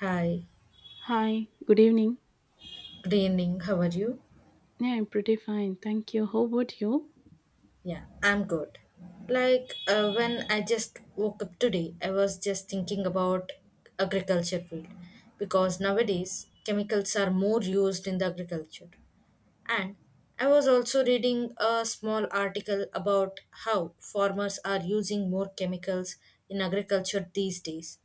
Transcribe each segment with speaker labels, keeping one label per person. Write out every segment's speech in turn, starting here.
Speaker 1: Hi,
Speaker 2: Hi, good evening.
Speaker 1: good evening. How are you?
Speaker 2: Yeah, I'm pretty fine. Thank you. How about you?
Speaker 1: Yeah, I'm good. When I just woke up today, I was just thinking about agriculture field because nowadays chemicals are more used in the agriculture. And I was also reading a small article about how farmers are using more chemicals in agriculture these days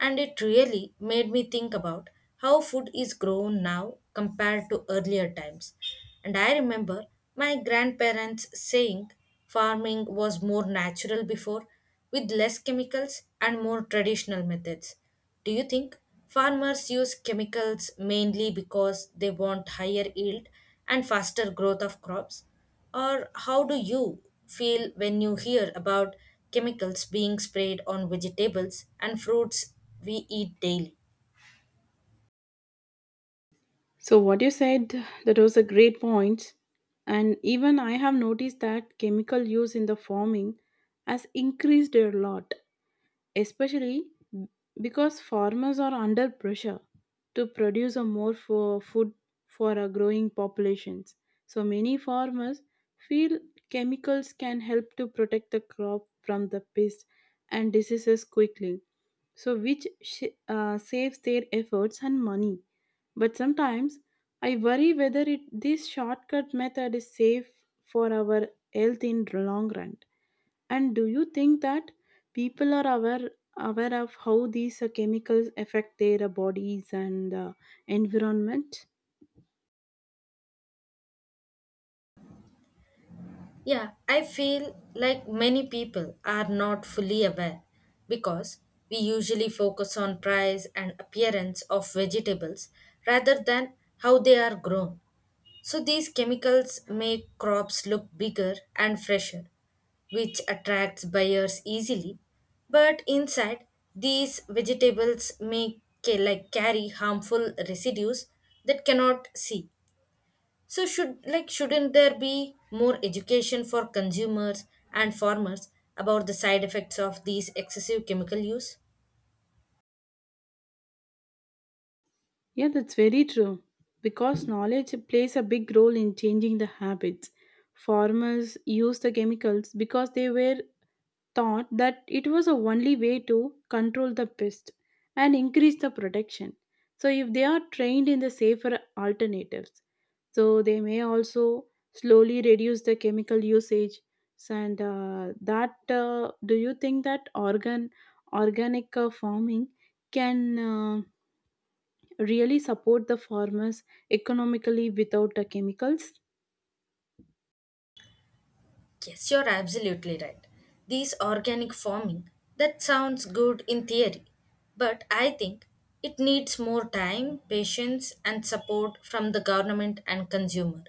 Speaker 1: and it really made me think about how food is grown now compared to earlier times. And I remember my grandparents saying farming was more natural before with less chemicals and more traditional methods. Do you think farmers use chemicals mainly because they want higher yield and faster growth of crops? Or how do you feel when you hear about chemicals being sprayed on vegetables and fruits we eat daily?
Speaker 2: So, what you said, that was a great point. And even I have noticed that chemical use in the farming has increased a lot, especially because farmers are under pressure to produce a more for food for a growing populations. So, many farmers feel chemicals can help to protect the crop from the pests and diseases quickly so which saves their efforts and money. But sometimes I worry whether this shortcut method is safe for our health in long run. And do you think that people are aware of how these chemicals affect their bodies and environment?
Speaker 1: Yeah, I feel like many people are not fully aware because we usually focus on price and appearance of vegetables rather than how they are grown. So these chemicals make crops look bigger and fresher, which attracts buyers easily. But inside, these vegetables like carry harmful residues that cannot see. So shouldn't there be more education for consumers and farmers about the side effects of these excessive chemical use?
Speaker 2: Yeah, that's very true. Because knowledge plays a big role in changing the habits. Farmers use the chemicals because they were thought that it was the only way to control the pest and increase the protection. So, if they are trained in the safer alternatives, so they may also slowly reduce the chemical usage. Do you think that organic farming can really support the farmers economically without the chemicals?
Speaker 1: Yes, you're absolutely right. These organic farming, that sounds good in theory, but I think it needs more time, patience, and support from the government and consumer.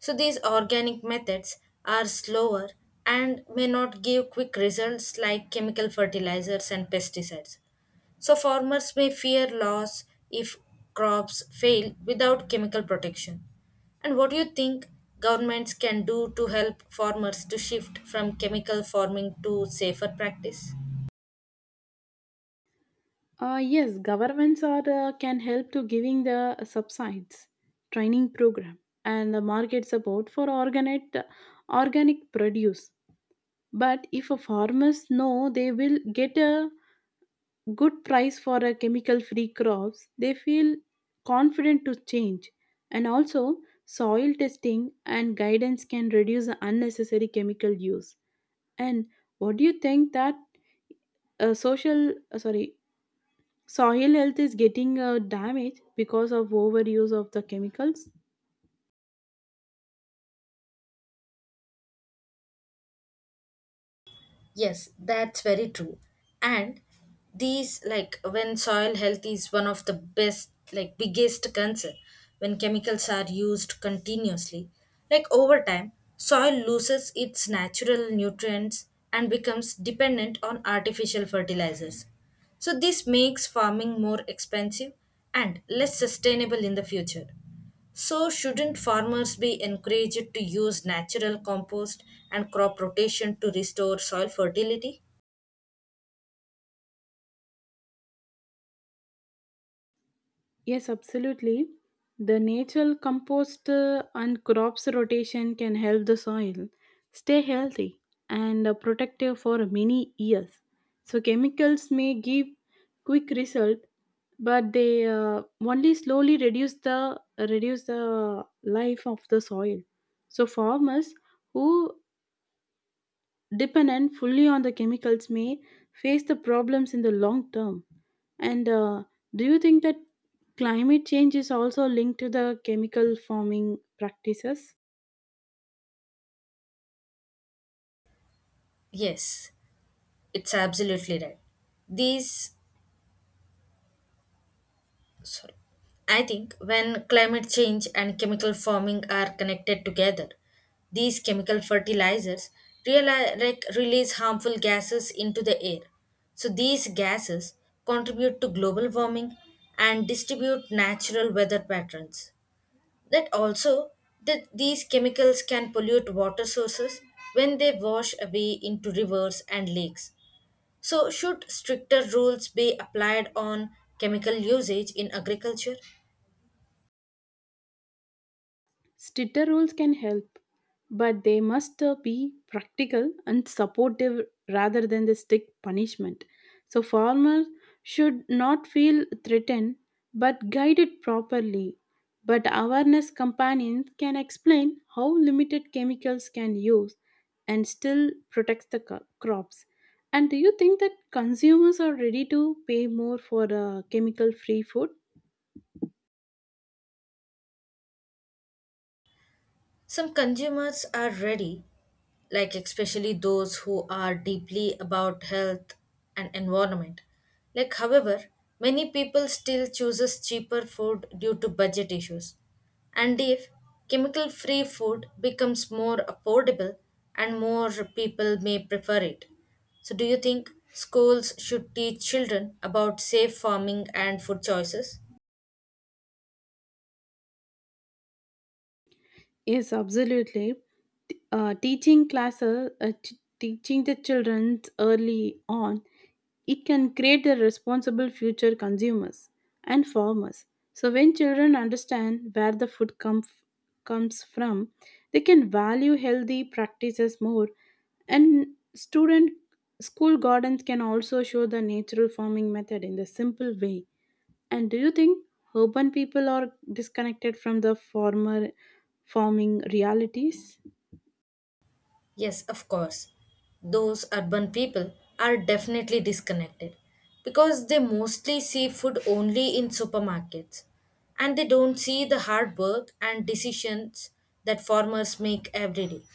Speaker 1: So these organic methods are slower and may not give quick results like chemical fertilizers and pesticides. So farmers may fear loss if crops fail without chemical protection. And what do you think governments can do to help farmers to shift from chemical farming to safer practice?
Speaker 2: Yes, governments are can help to giving the subsides, training program, and the market support for organic produce. But if a farmers know they will get a good price for a chemical free crops, they feel confident to change. And also, soil testing and guidance can reduce the unnecessary chemical use. And what do you think that social sorry soil health is getting damaged because of overuse of the chemicals?
Speaker 1: Yes, that's very true. And these, like when soil health is one of the best, like biggest concern, when chemicals are used continuously, like over time, soil loses its natural nutrients and becomes dependent on artificial fertilizers. So, this makes farming more expensive and less sustainable in the future. So, shouldn't farmers be encouraged to use natural compost and crop rotation to restore soil fertility?
Speaker 2: Yes, absolutely, the natural compost and crops rotation can help the soil stay healthy and protective for many years. So chemicals may give quick result, but they only slowly reduce the life of the soil. So farmers who dependent fully on the chemicals may face the problems in the long term. And do you think that climate change is also linked to the chemical farming practices?
Speaker 1: Yes, it's absolutely right. These, sorry, I think when climate change and chemical farming are connected together, these chemical fertilizers release harmful gases into the air. So, these gases contribute to global warming and distribute natural weather patterns. That also, that these chemicals can pollute water sources when they wash away into rivers and lakes. So, should stricter rules be applied on chemical usage in agriculture?
Speaker 2: Stricter rules can help, but they must be practical and supportive rather than the strict punishment. So, farmers should not feel threatened but guided properly. But awareness companions can explain how limited chemicals can use and still protect the crops. And do you think that consumers are ready to pay more for chemical free food?
Speaker 1: Some consumers are ready, like especially those who are deeply about health and environment. Like however, many people still chooses cheaper food due to budget issues. And if chemical free food becomes more affordable and more people may prefer it. So do you think schools should teach children about safe farming and food choices?
Speaker 2: Yes, absolutely. T- Uh, teaching classes, uh, t- teaching the children early on, it can create a responsible future consumers and farmers. So when children understand where the food comes from, they can value healthy practices more. And student school gardens can also show the natural farming method in the simple way. And do you think urban people are disconnected from the former farming realities?
Speaker 1: Yes, of course. Those urban people are definitely disconnected because they mostly see food only in supermarkets and they don't see the hard work and decisions that farmers make every day.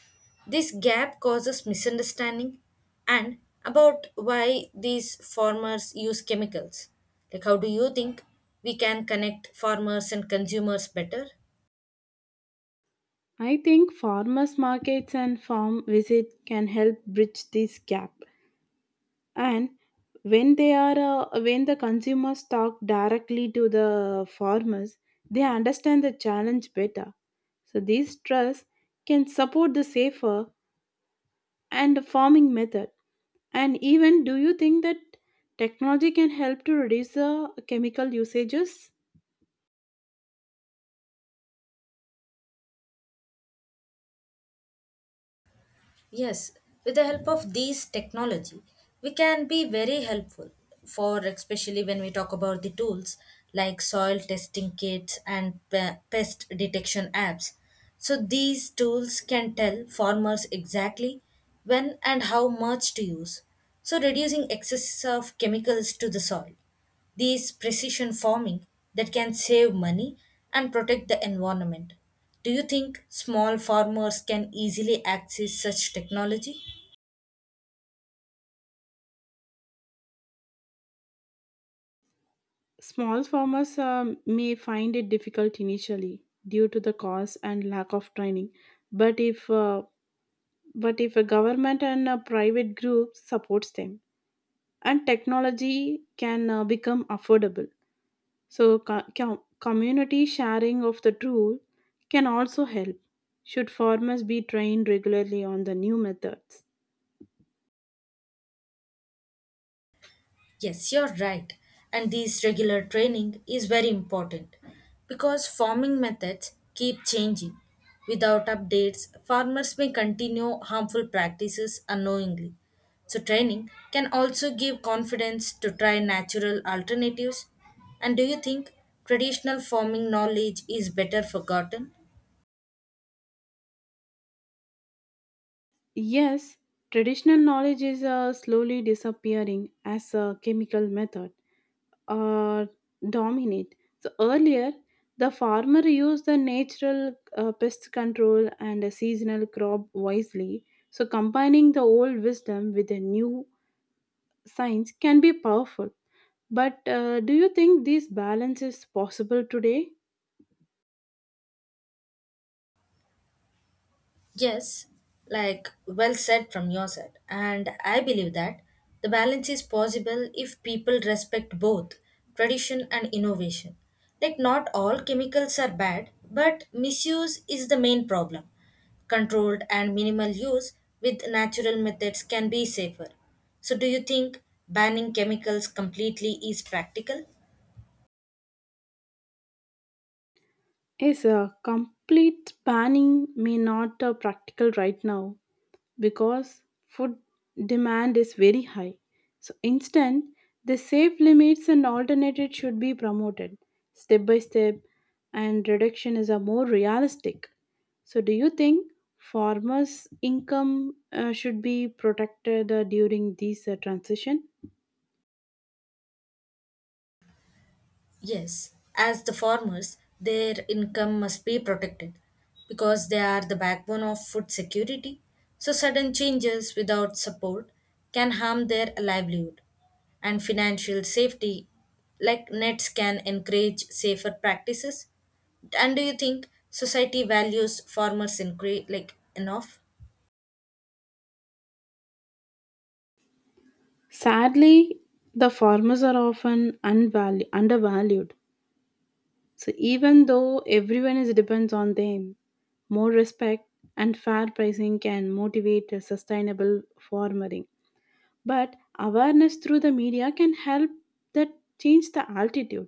Speaker 1: This gap causes misunderstanding and about why these farmers use chemicals. Like, how do you think we can connect farmers and consumers better?
Speaker 2: I think farmers markets and farm visit can help bridge this gap. And when the consumers talk directly to the farmers, they understand the challenge better. So these trusts can support the safer and the farming method. And even do you think that technology can help to reduce the chemical usages?
Speaker 1: Yes, with the help of these technology, we can be very helpful for especially when we talk about the tools like soil testing kits and pest detection apps. So these tools can tell farmers exactly when and how much to use. So reducing excess of chemicals to the soil these precision farming that can save money and protect the environment. Do you think small farmers can easily access such technology?
Speaker 2: Small farmers may find it difficult initially due to the cost and lack of training, but if uh, but if a government and a private group supports them, and technology can become affordable, so community sharing of the tool can also help. Should farmers be trained regularly on the new methods?
Speaker 1: Yes, you're right. And this regular training is very important because farming methods keep changing. Without updates, farmers may continue harmful practices unknowingly. So, training can also give confidence to try natural alternatives. And do you think traditional farming knowledge is better forgotten?
Speaker 2: Yes, traditional knowledge is slowly disappearing as a chemical method uh, dominate. So earlier, the farmer used the natural pest control and a seasonal crop wisely. So combining the old wisdom with the new science can be powerful. But do you think this balance is possible today?
Speaker 1: Yes, like well said from your side. And I believe that the balance is possible if people respect both tradition and innovation. Like, not all chemicals are bad, but misuse is the main problem. Controlled and minimal use with natural methods can be safer. So, do you think banning chemicals completely is practical?
Speaker 2: Yes, a complete banning may not practical right now, because food demand is very high. So instead, the safe limits and alternatives should be promoted step by step and reduction is a more realistic. So do you think farmers income should be protected during this transition?
Speaker 1: Yes, as the farmers, their income must be protected because they are the backbone of food security. So, sudden changes without support can harm their livelihood. And financial safety, like nets, can encourage safer practices. And do you think society values farmers enough?
Speaker 2: Sadly, the farmers are often undervalued. So even though everyone is depends on them, more respect and fair pricing can motivate a sustainable farming. But awareness through the media can help that change the altitude.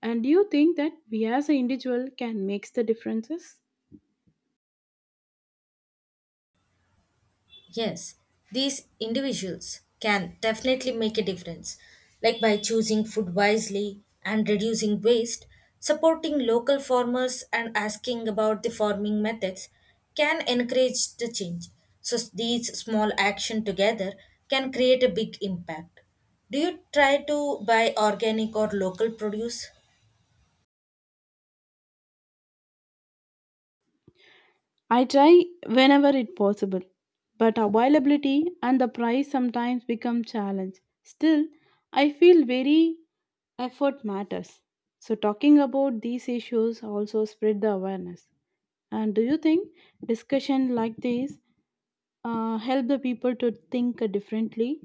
Speaker 2: And do you think that we as an individual can make the differences?
Speaker 1: Yes, these individuals can definitely make a difference, like by choosing food wisely and reducing waste, supporting local farmers, and asking about the farming methods can encourage the change. So, these small actions together can create a big impact. Do you try to buy organic or local produce?
Speaker 2: I try whenever it possible, but availability and the price sometimes become challenge. Still, I feel very effort matters. So talking about these issues also spread the awareness. And do you think discussion like this help the people to think differently?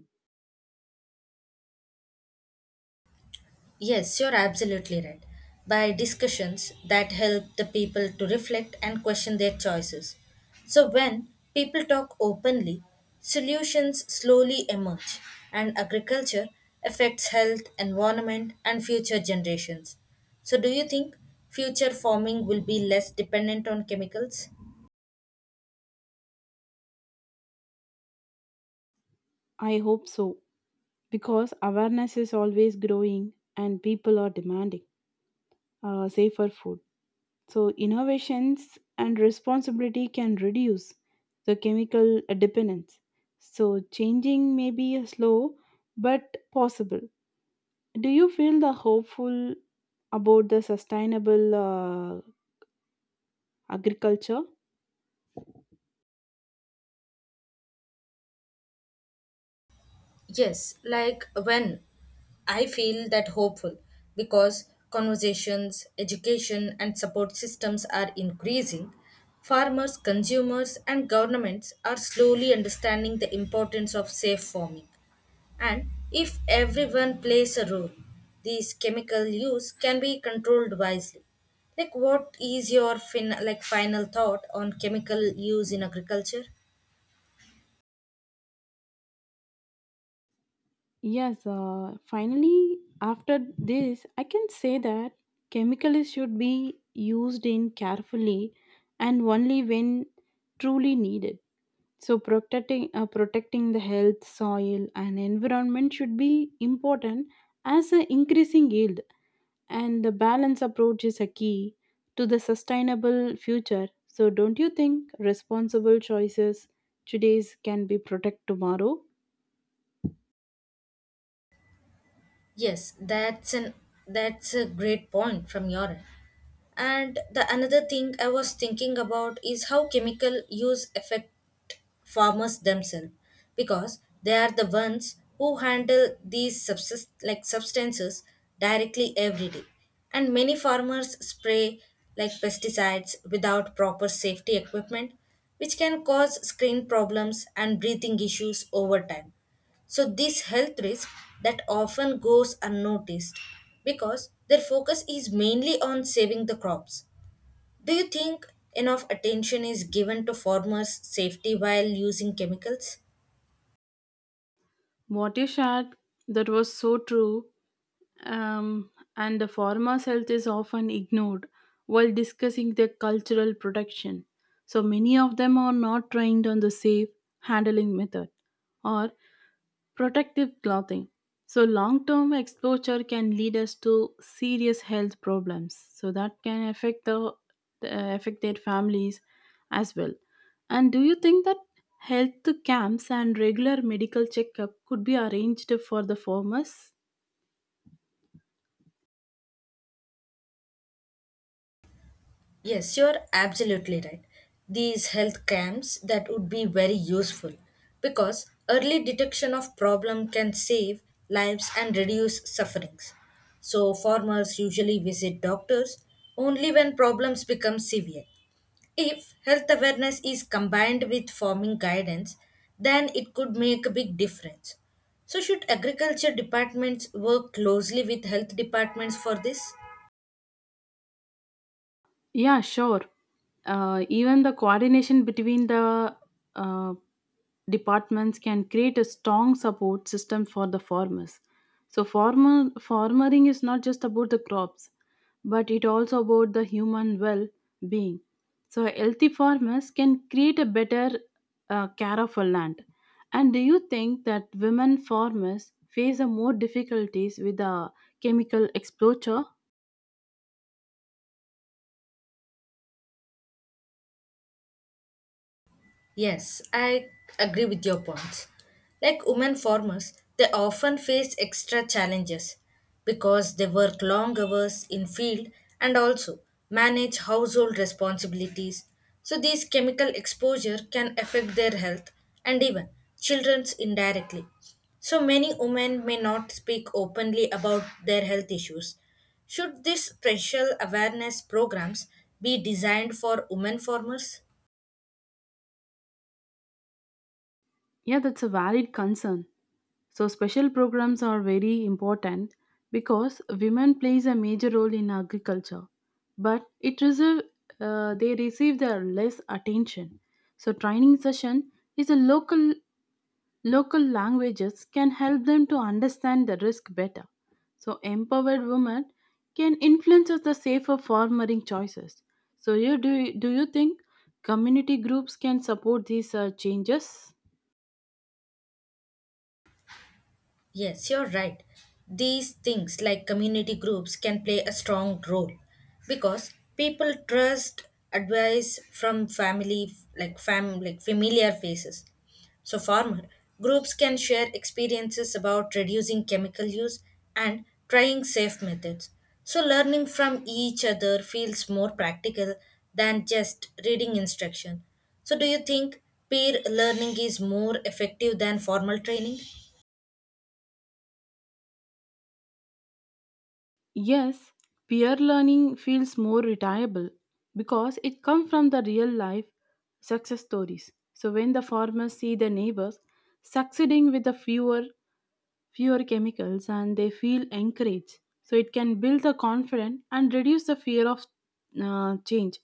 Speaker 1: Yes, you're absolutely right. By discussions that help the people to reflect and question their choices. So, when people talk openly, solutions slowly emerge, and agriculture affects health, environment, and future generations. So, do you think future farming will be less dependent on chemicals?
Speaker 2: I hope so because awareness is always growing and people are demanding safer food. So, innovations and responsibility can reduce the chemical dependence. So, changing may be slow but possible. Do you feel the hopeful about the sustainable agriculture?
Speaker 1: Yes, like when I feel that hopeful because conversations, education, and support systems are increasing, farmers, consumers, and governments are slowly understanding the importance of safe farming. And if everyone plays a role, these chemical use can be controlled wisely. Like, what is your final thought on chemical use in agriculture?
Speaker 2: Yes, finally, after this, I can say that chemicals should be used in carefully and only when truly needed. So protecting the health, soil, and environment should be important as an increasing yield, and the balance approach is a key to the sustainable future. So don't you think responsible choices today's can be protect tomorrow?
Speaker 1: Yes, that's a great point from your end. And the another thing I was thinking about is how chemical use affect farmers themselves because they are the ones who handle these substances directly every day and many farmers spray like pesticides without proper safety equipment which can cause skin problems and breathing issues over time, so this health risk that often goes unnoticed because their focus is mainly on saving the crops. Do you think enough attention is given to farmers' safety while using chemicals?
Speaker 2: What you shared, that was so true, um, and the farmer's health is often ignored while discussing their cultural protection. So many of them are not trained on the safe handling method or protective clothing. So, long term exposure can lead us to serious health problems. So, that can affect the affect their families as well. And do you think that health camps and regular medical checkup could be arranged for the farmers?
Speaker 1: Yes, you're absolutely right. These health camps that would be very useful because early detection of problem can save lives and reduce sufferings. So farmers usually visit doctors only when problems become severe. If health awareness is combined with farming guidance, then it could make a big difference. So should agriculture departments work closely with health departments for this?
Speaker 2: Yeah, sure. Even the coordination between the uh, departments can create a strong support system for the farmers. So, farmer farming is not just about the crops, but it also about the human well-being. So, healthy farmers can create a better care of a land. And do you think that women farmers face a more difficulties with the chemical exposure?
Speaker 1: Yes, I agree with your points. Like women farmers, they often face extra challenges because they work long hours in field and also manage household responsibilities. So these chemical exposure can affect their health and even children's indirectly. So many women may not speak openly about their health issues. Should these special awareness programs be designed for women farmers?
Speaker 2: Yeah, that's a valid concern. So special programs are very important because women plays a major role in agriculture, but it reserve they receive the less attention. So training session is a local languages can help them to understand the risk better. So empowered women can influence the safer farming choices. So you do do you think community groups can support these changes?
Speaker 1: Yes, you're right. These things like community groups can play a strong role because people trust advice from family like fam like familiar faces. So farmer groups can share experiences about reducing chemical use and trying safe methods. So learning from each other feels more practical than just reading instruction. So do you think peer learning is more effective than formal training?
Speaker 2: Yes, peer learning feels more reliable because it comes from the real life success stories. So when the farmers see the neighbors succeeding with the fewer chemicals and they feel encouraged. So it can build the confidence and reduce the fear of change.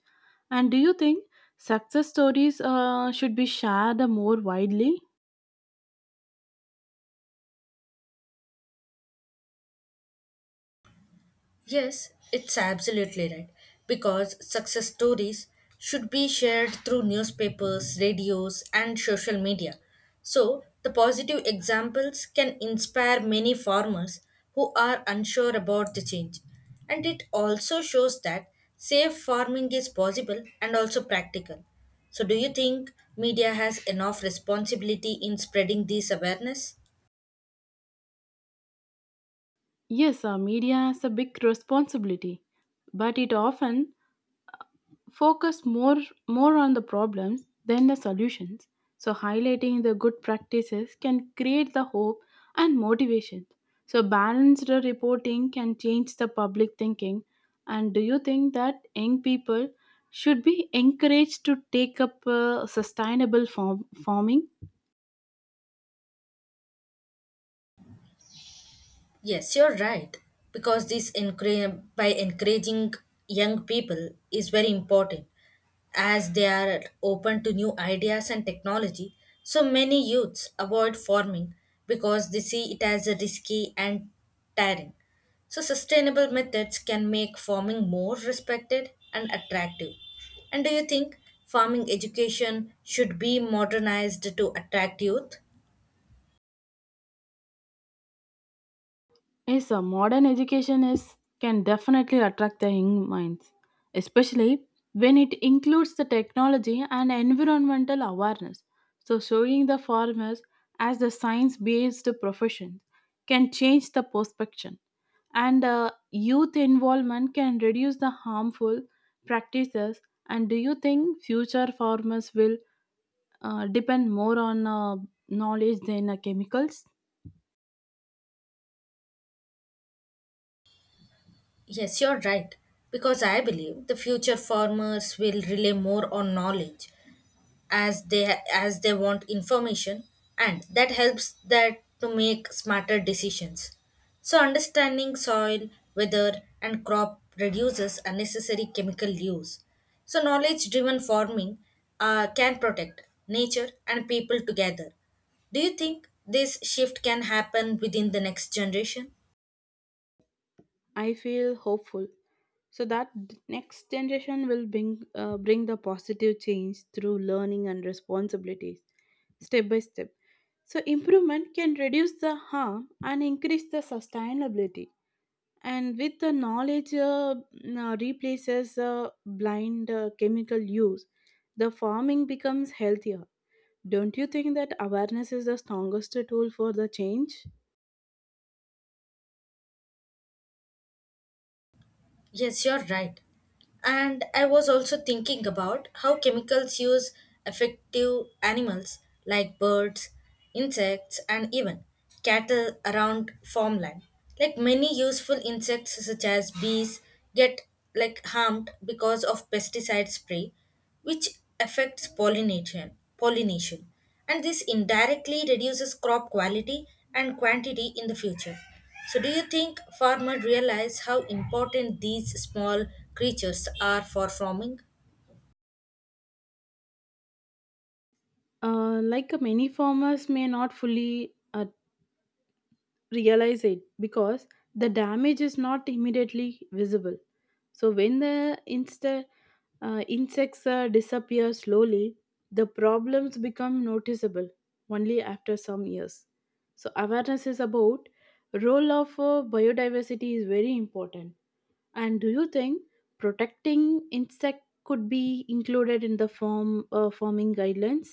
Speaker 2: And do you think success stories should be shared more widely?
Speaker 1: Yes, it's absolutely right. Because success stories should be shared through newspapers, radios, and social media. So, the positive examples can inspire many farmers who are unsure about the change. And it also shows that safe farming is possible and also practical. So, do you think media has enough responsibility in spreading this awareness?
Speaker 2: Yes, media has a big responsibility, but it often focus more on the problems than the solutions. So highlighting the good practices can create the hope and motivation. So balanced reporting can change the public thinking. And do you think that young people should be encouraged to take up sustainable farming?
Speaker 1: Yes, you're right. By encouraging young people is very important as they are open to new ideas and technology. So many youths avoid farming because they see it as risky and tiring. So sustainable methods can make farming more respected and attractive. And do you think farming education should be modernized to attract youth?
Speaker 2: Yes, modern education is can definitely attract the young minds, especially when it includes the technology and environmental awareness. So, showing the farmers as the science-based profession can change the perception, and youth involvement can reduce the harmful practices. And do you think future farmers will depend more on knowledge than chemicals?
Speaker 1: Yes, you're right. Because I believe the future farmers will rely more on knowledge as they want information and that helps that to make smarter decisions. So understanding soil, weather and crop reduces unnecessary chemical use. So knowledge driven farming can protect nature and people together. Do you think this shift can happen within the next generation?
Speaker 2: I feel hopeful. So that next generation will bring the positive change through learning and responsibilities, step by step. So improvement can reduce the harm and increase the sustainability. And with the knowledge now replaces blind chemical use, the farming becomes healthier. Don't you think that awareness is the strongest tool for the change?
Speaker 1: Yes, you're right. And I was also thinking about how chemicals use effective animals like birds, insects, and even cattle around farmland. Like many useful insects such as bees get harmed because of pesticide spray which affects pollination and this indirectly reduces crop quality and quantity in the future. So do you think farmers realize how important these small creatures are for farming?
Speaker 2: Many farmers may not fully realize it because the damage is not immediately visible. So when the insects disappear slowly, the problems become noticeable only after some years. So awareness is about role of biodiversity is very important. And do you think protecting insect could be included in the forming guidelines?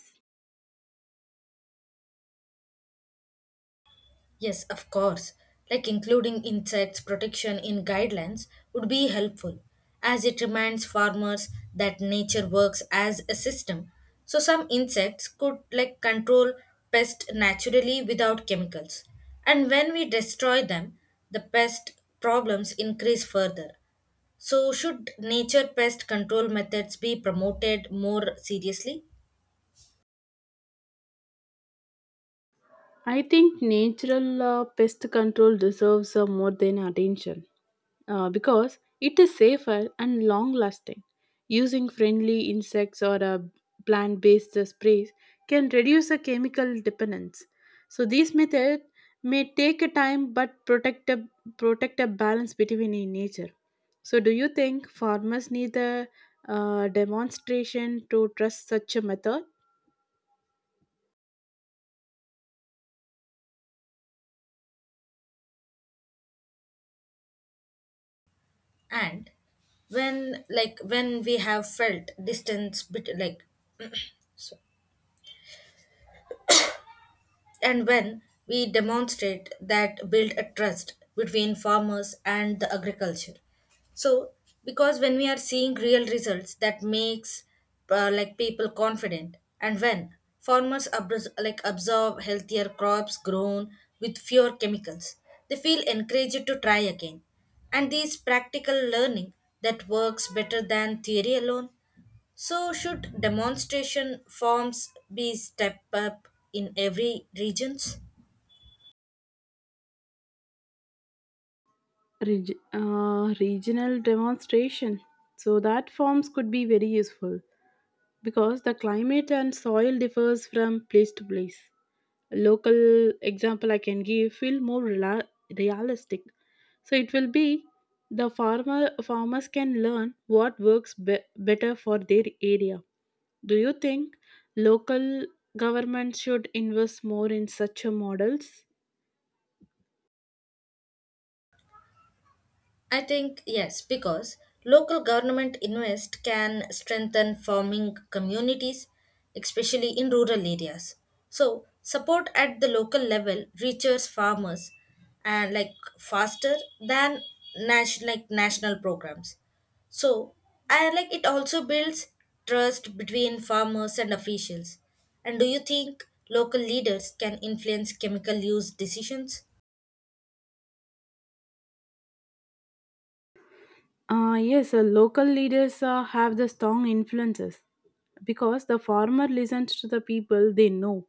Speaker 1: Yes, of course. Like including insects protection in guidelines would be helpful, as it reminds farmers that nature works as a system. So some insects could control pest naturally without chemicals. And when we destroy them, the pest problems increase further. So, should nature pest control methods be promoted more seriously?
Speaker 2: I think natural pest control deserves more than attention because it is safer and long lasting. Using friendly insects or plant based sprays can reduce the chemical dependence. So, these methods may take a time but protect a balance between in nature. So, do you think farmers need a demonstration to trust such a method?
Speaker 1: And when, like, when we have felt distance, bet- like So, And when we demonstrate that build a trust between farmers and the agriculture. So, because when we are seeing real results, that makes people confident. And when farmers absorb healthier crops grown with fewer chemicals, they feel encouraged to try again. And these practical learning that works better than theory alone. So should demonstration forms be stepped up in every regions?
Speaker 2: Regional demonstration so that forms could be very useful because the climate and soil differs from place to place. A local example I can give feel more realistic. So it will be the farmers can learn what works better for their area. Do you think local government should invest more in such a models?
Speaker 1: I think yes, because local government invest can strengthen farming communities, especially in rural areas. So support at the local level reaches farmers and like faster than national programs. So I like it also builds trust between farmers and officials. And do you think local leaders can influence chemical use decisions?
Speaker 2: Yes, local leaders have the strong influences because the farmer listens to the people they know.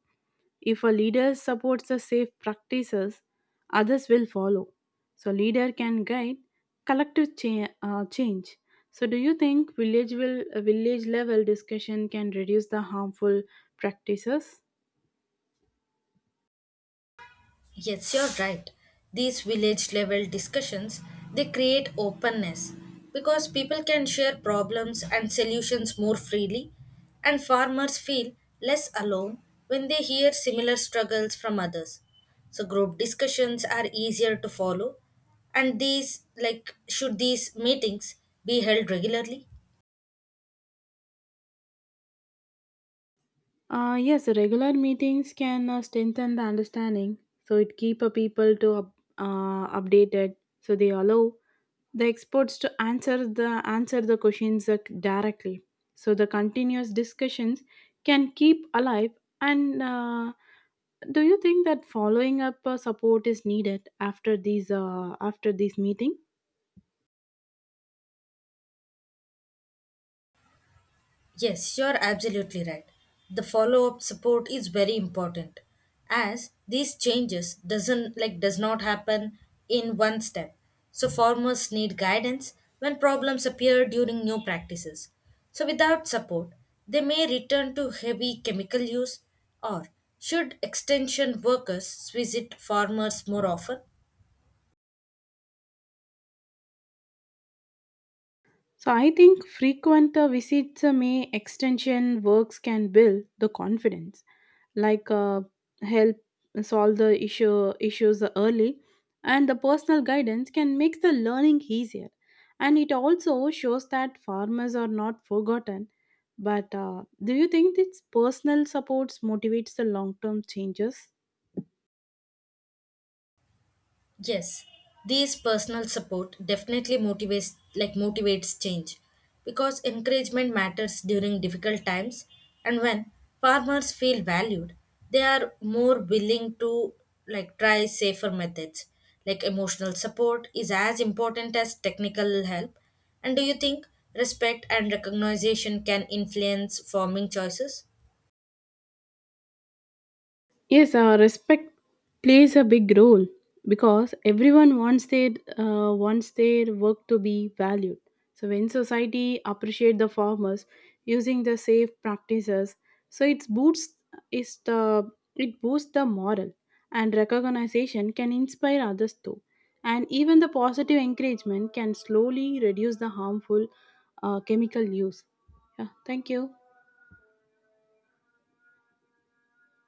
Speaker 2: If a leader supports the safe practices, others will follow. So leader can guide collective change. So do you think village level discussion can reduce the harmful practices?
Speaker 1: Yes, you're right. These village level discussions they create openness because people can share problems and solutions more freely and farmers feel less alone when they hear similar struggles from others. So group discussions are easier to follow and these like should these meetings be held regularly?
Speaker 2: Yes, regular meetings can strengthen the understanding. So it keep a people to updated. So they allow the experts to answer the questions directly. So the continuous discussions can keep alive. And do you think that following up support is needed after these after this meeting?
Speaker 1: Yes, you're absolutely right. The follow-up support is very important as these changes does not happen in one step. So farmers need guidance when problems appear during new practices. So without support, they may return to heavy chemical use, or should extension workers visit farmers more often?
Speaker 2: So I think frequent visits may extension works can build the confidence, like uh, help solve the issues early, and the personal guidance can make the learning easier, and it also shows that farmers are not forgotten. But do you think this personal supports motivates the long term changes?
Speaker 1: Yes, these personal support definitely motivates change because encouragement matters during difficult times and when farmers feel valued they are more willing to try safer methods. Like emotional support is as important as technical help. And do you think respect and recognition can influence farming choices?
Speaker 2: Yes, respect plays a big role because everyone wants their work to be valued. So when society appreciate the farmers using the safe practices, so is the it boosts the moral and recognition can inspire others too, and even the positive encouragement can slowly reduce the harmful chemical use. Yeah, thank you.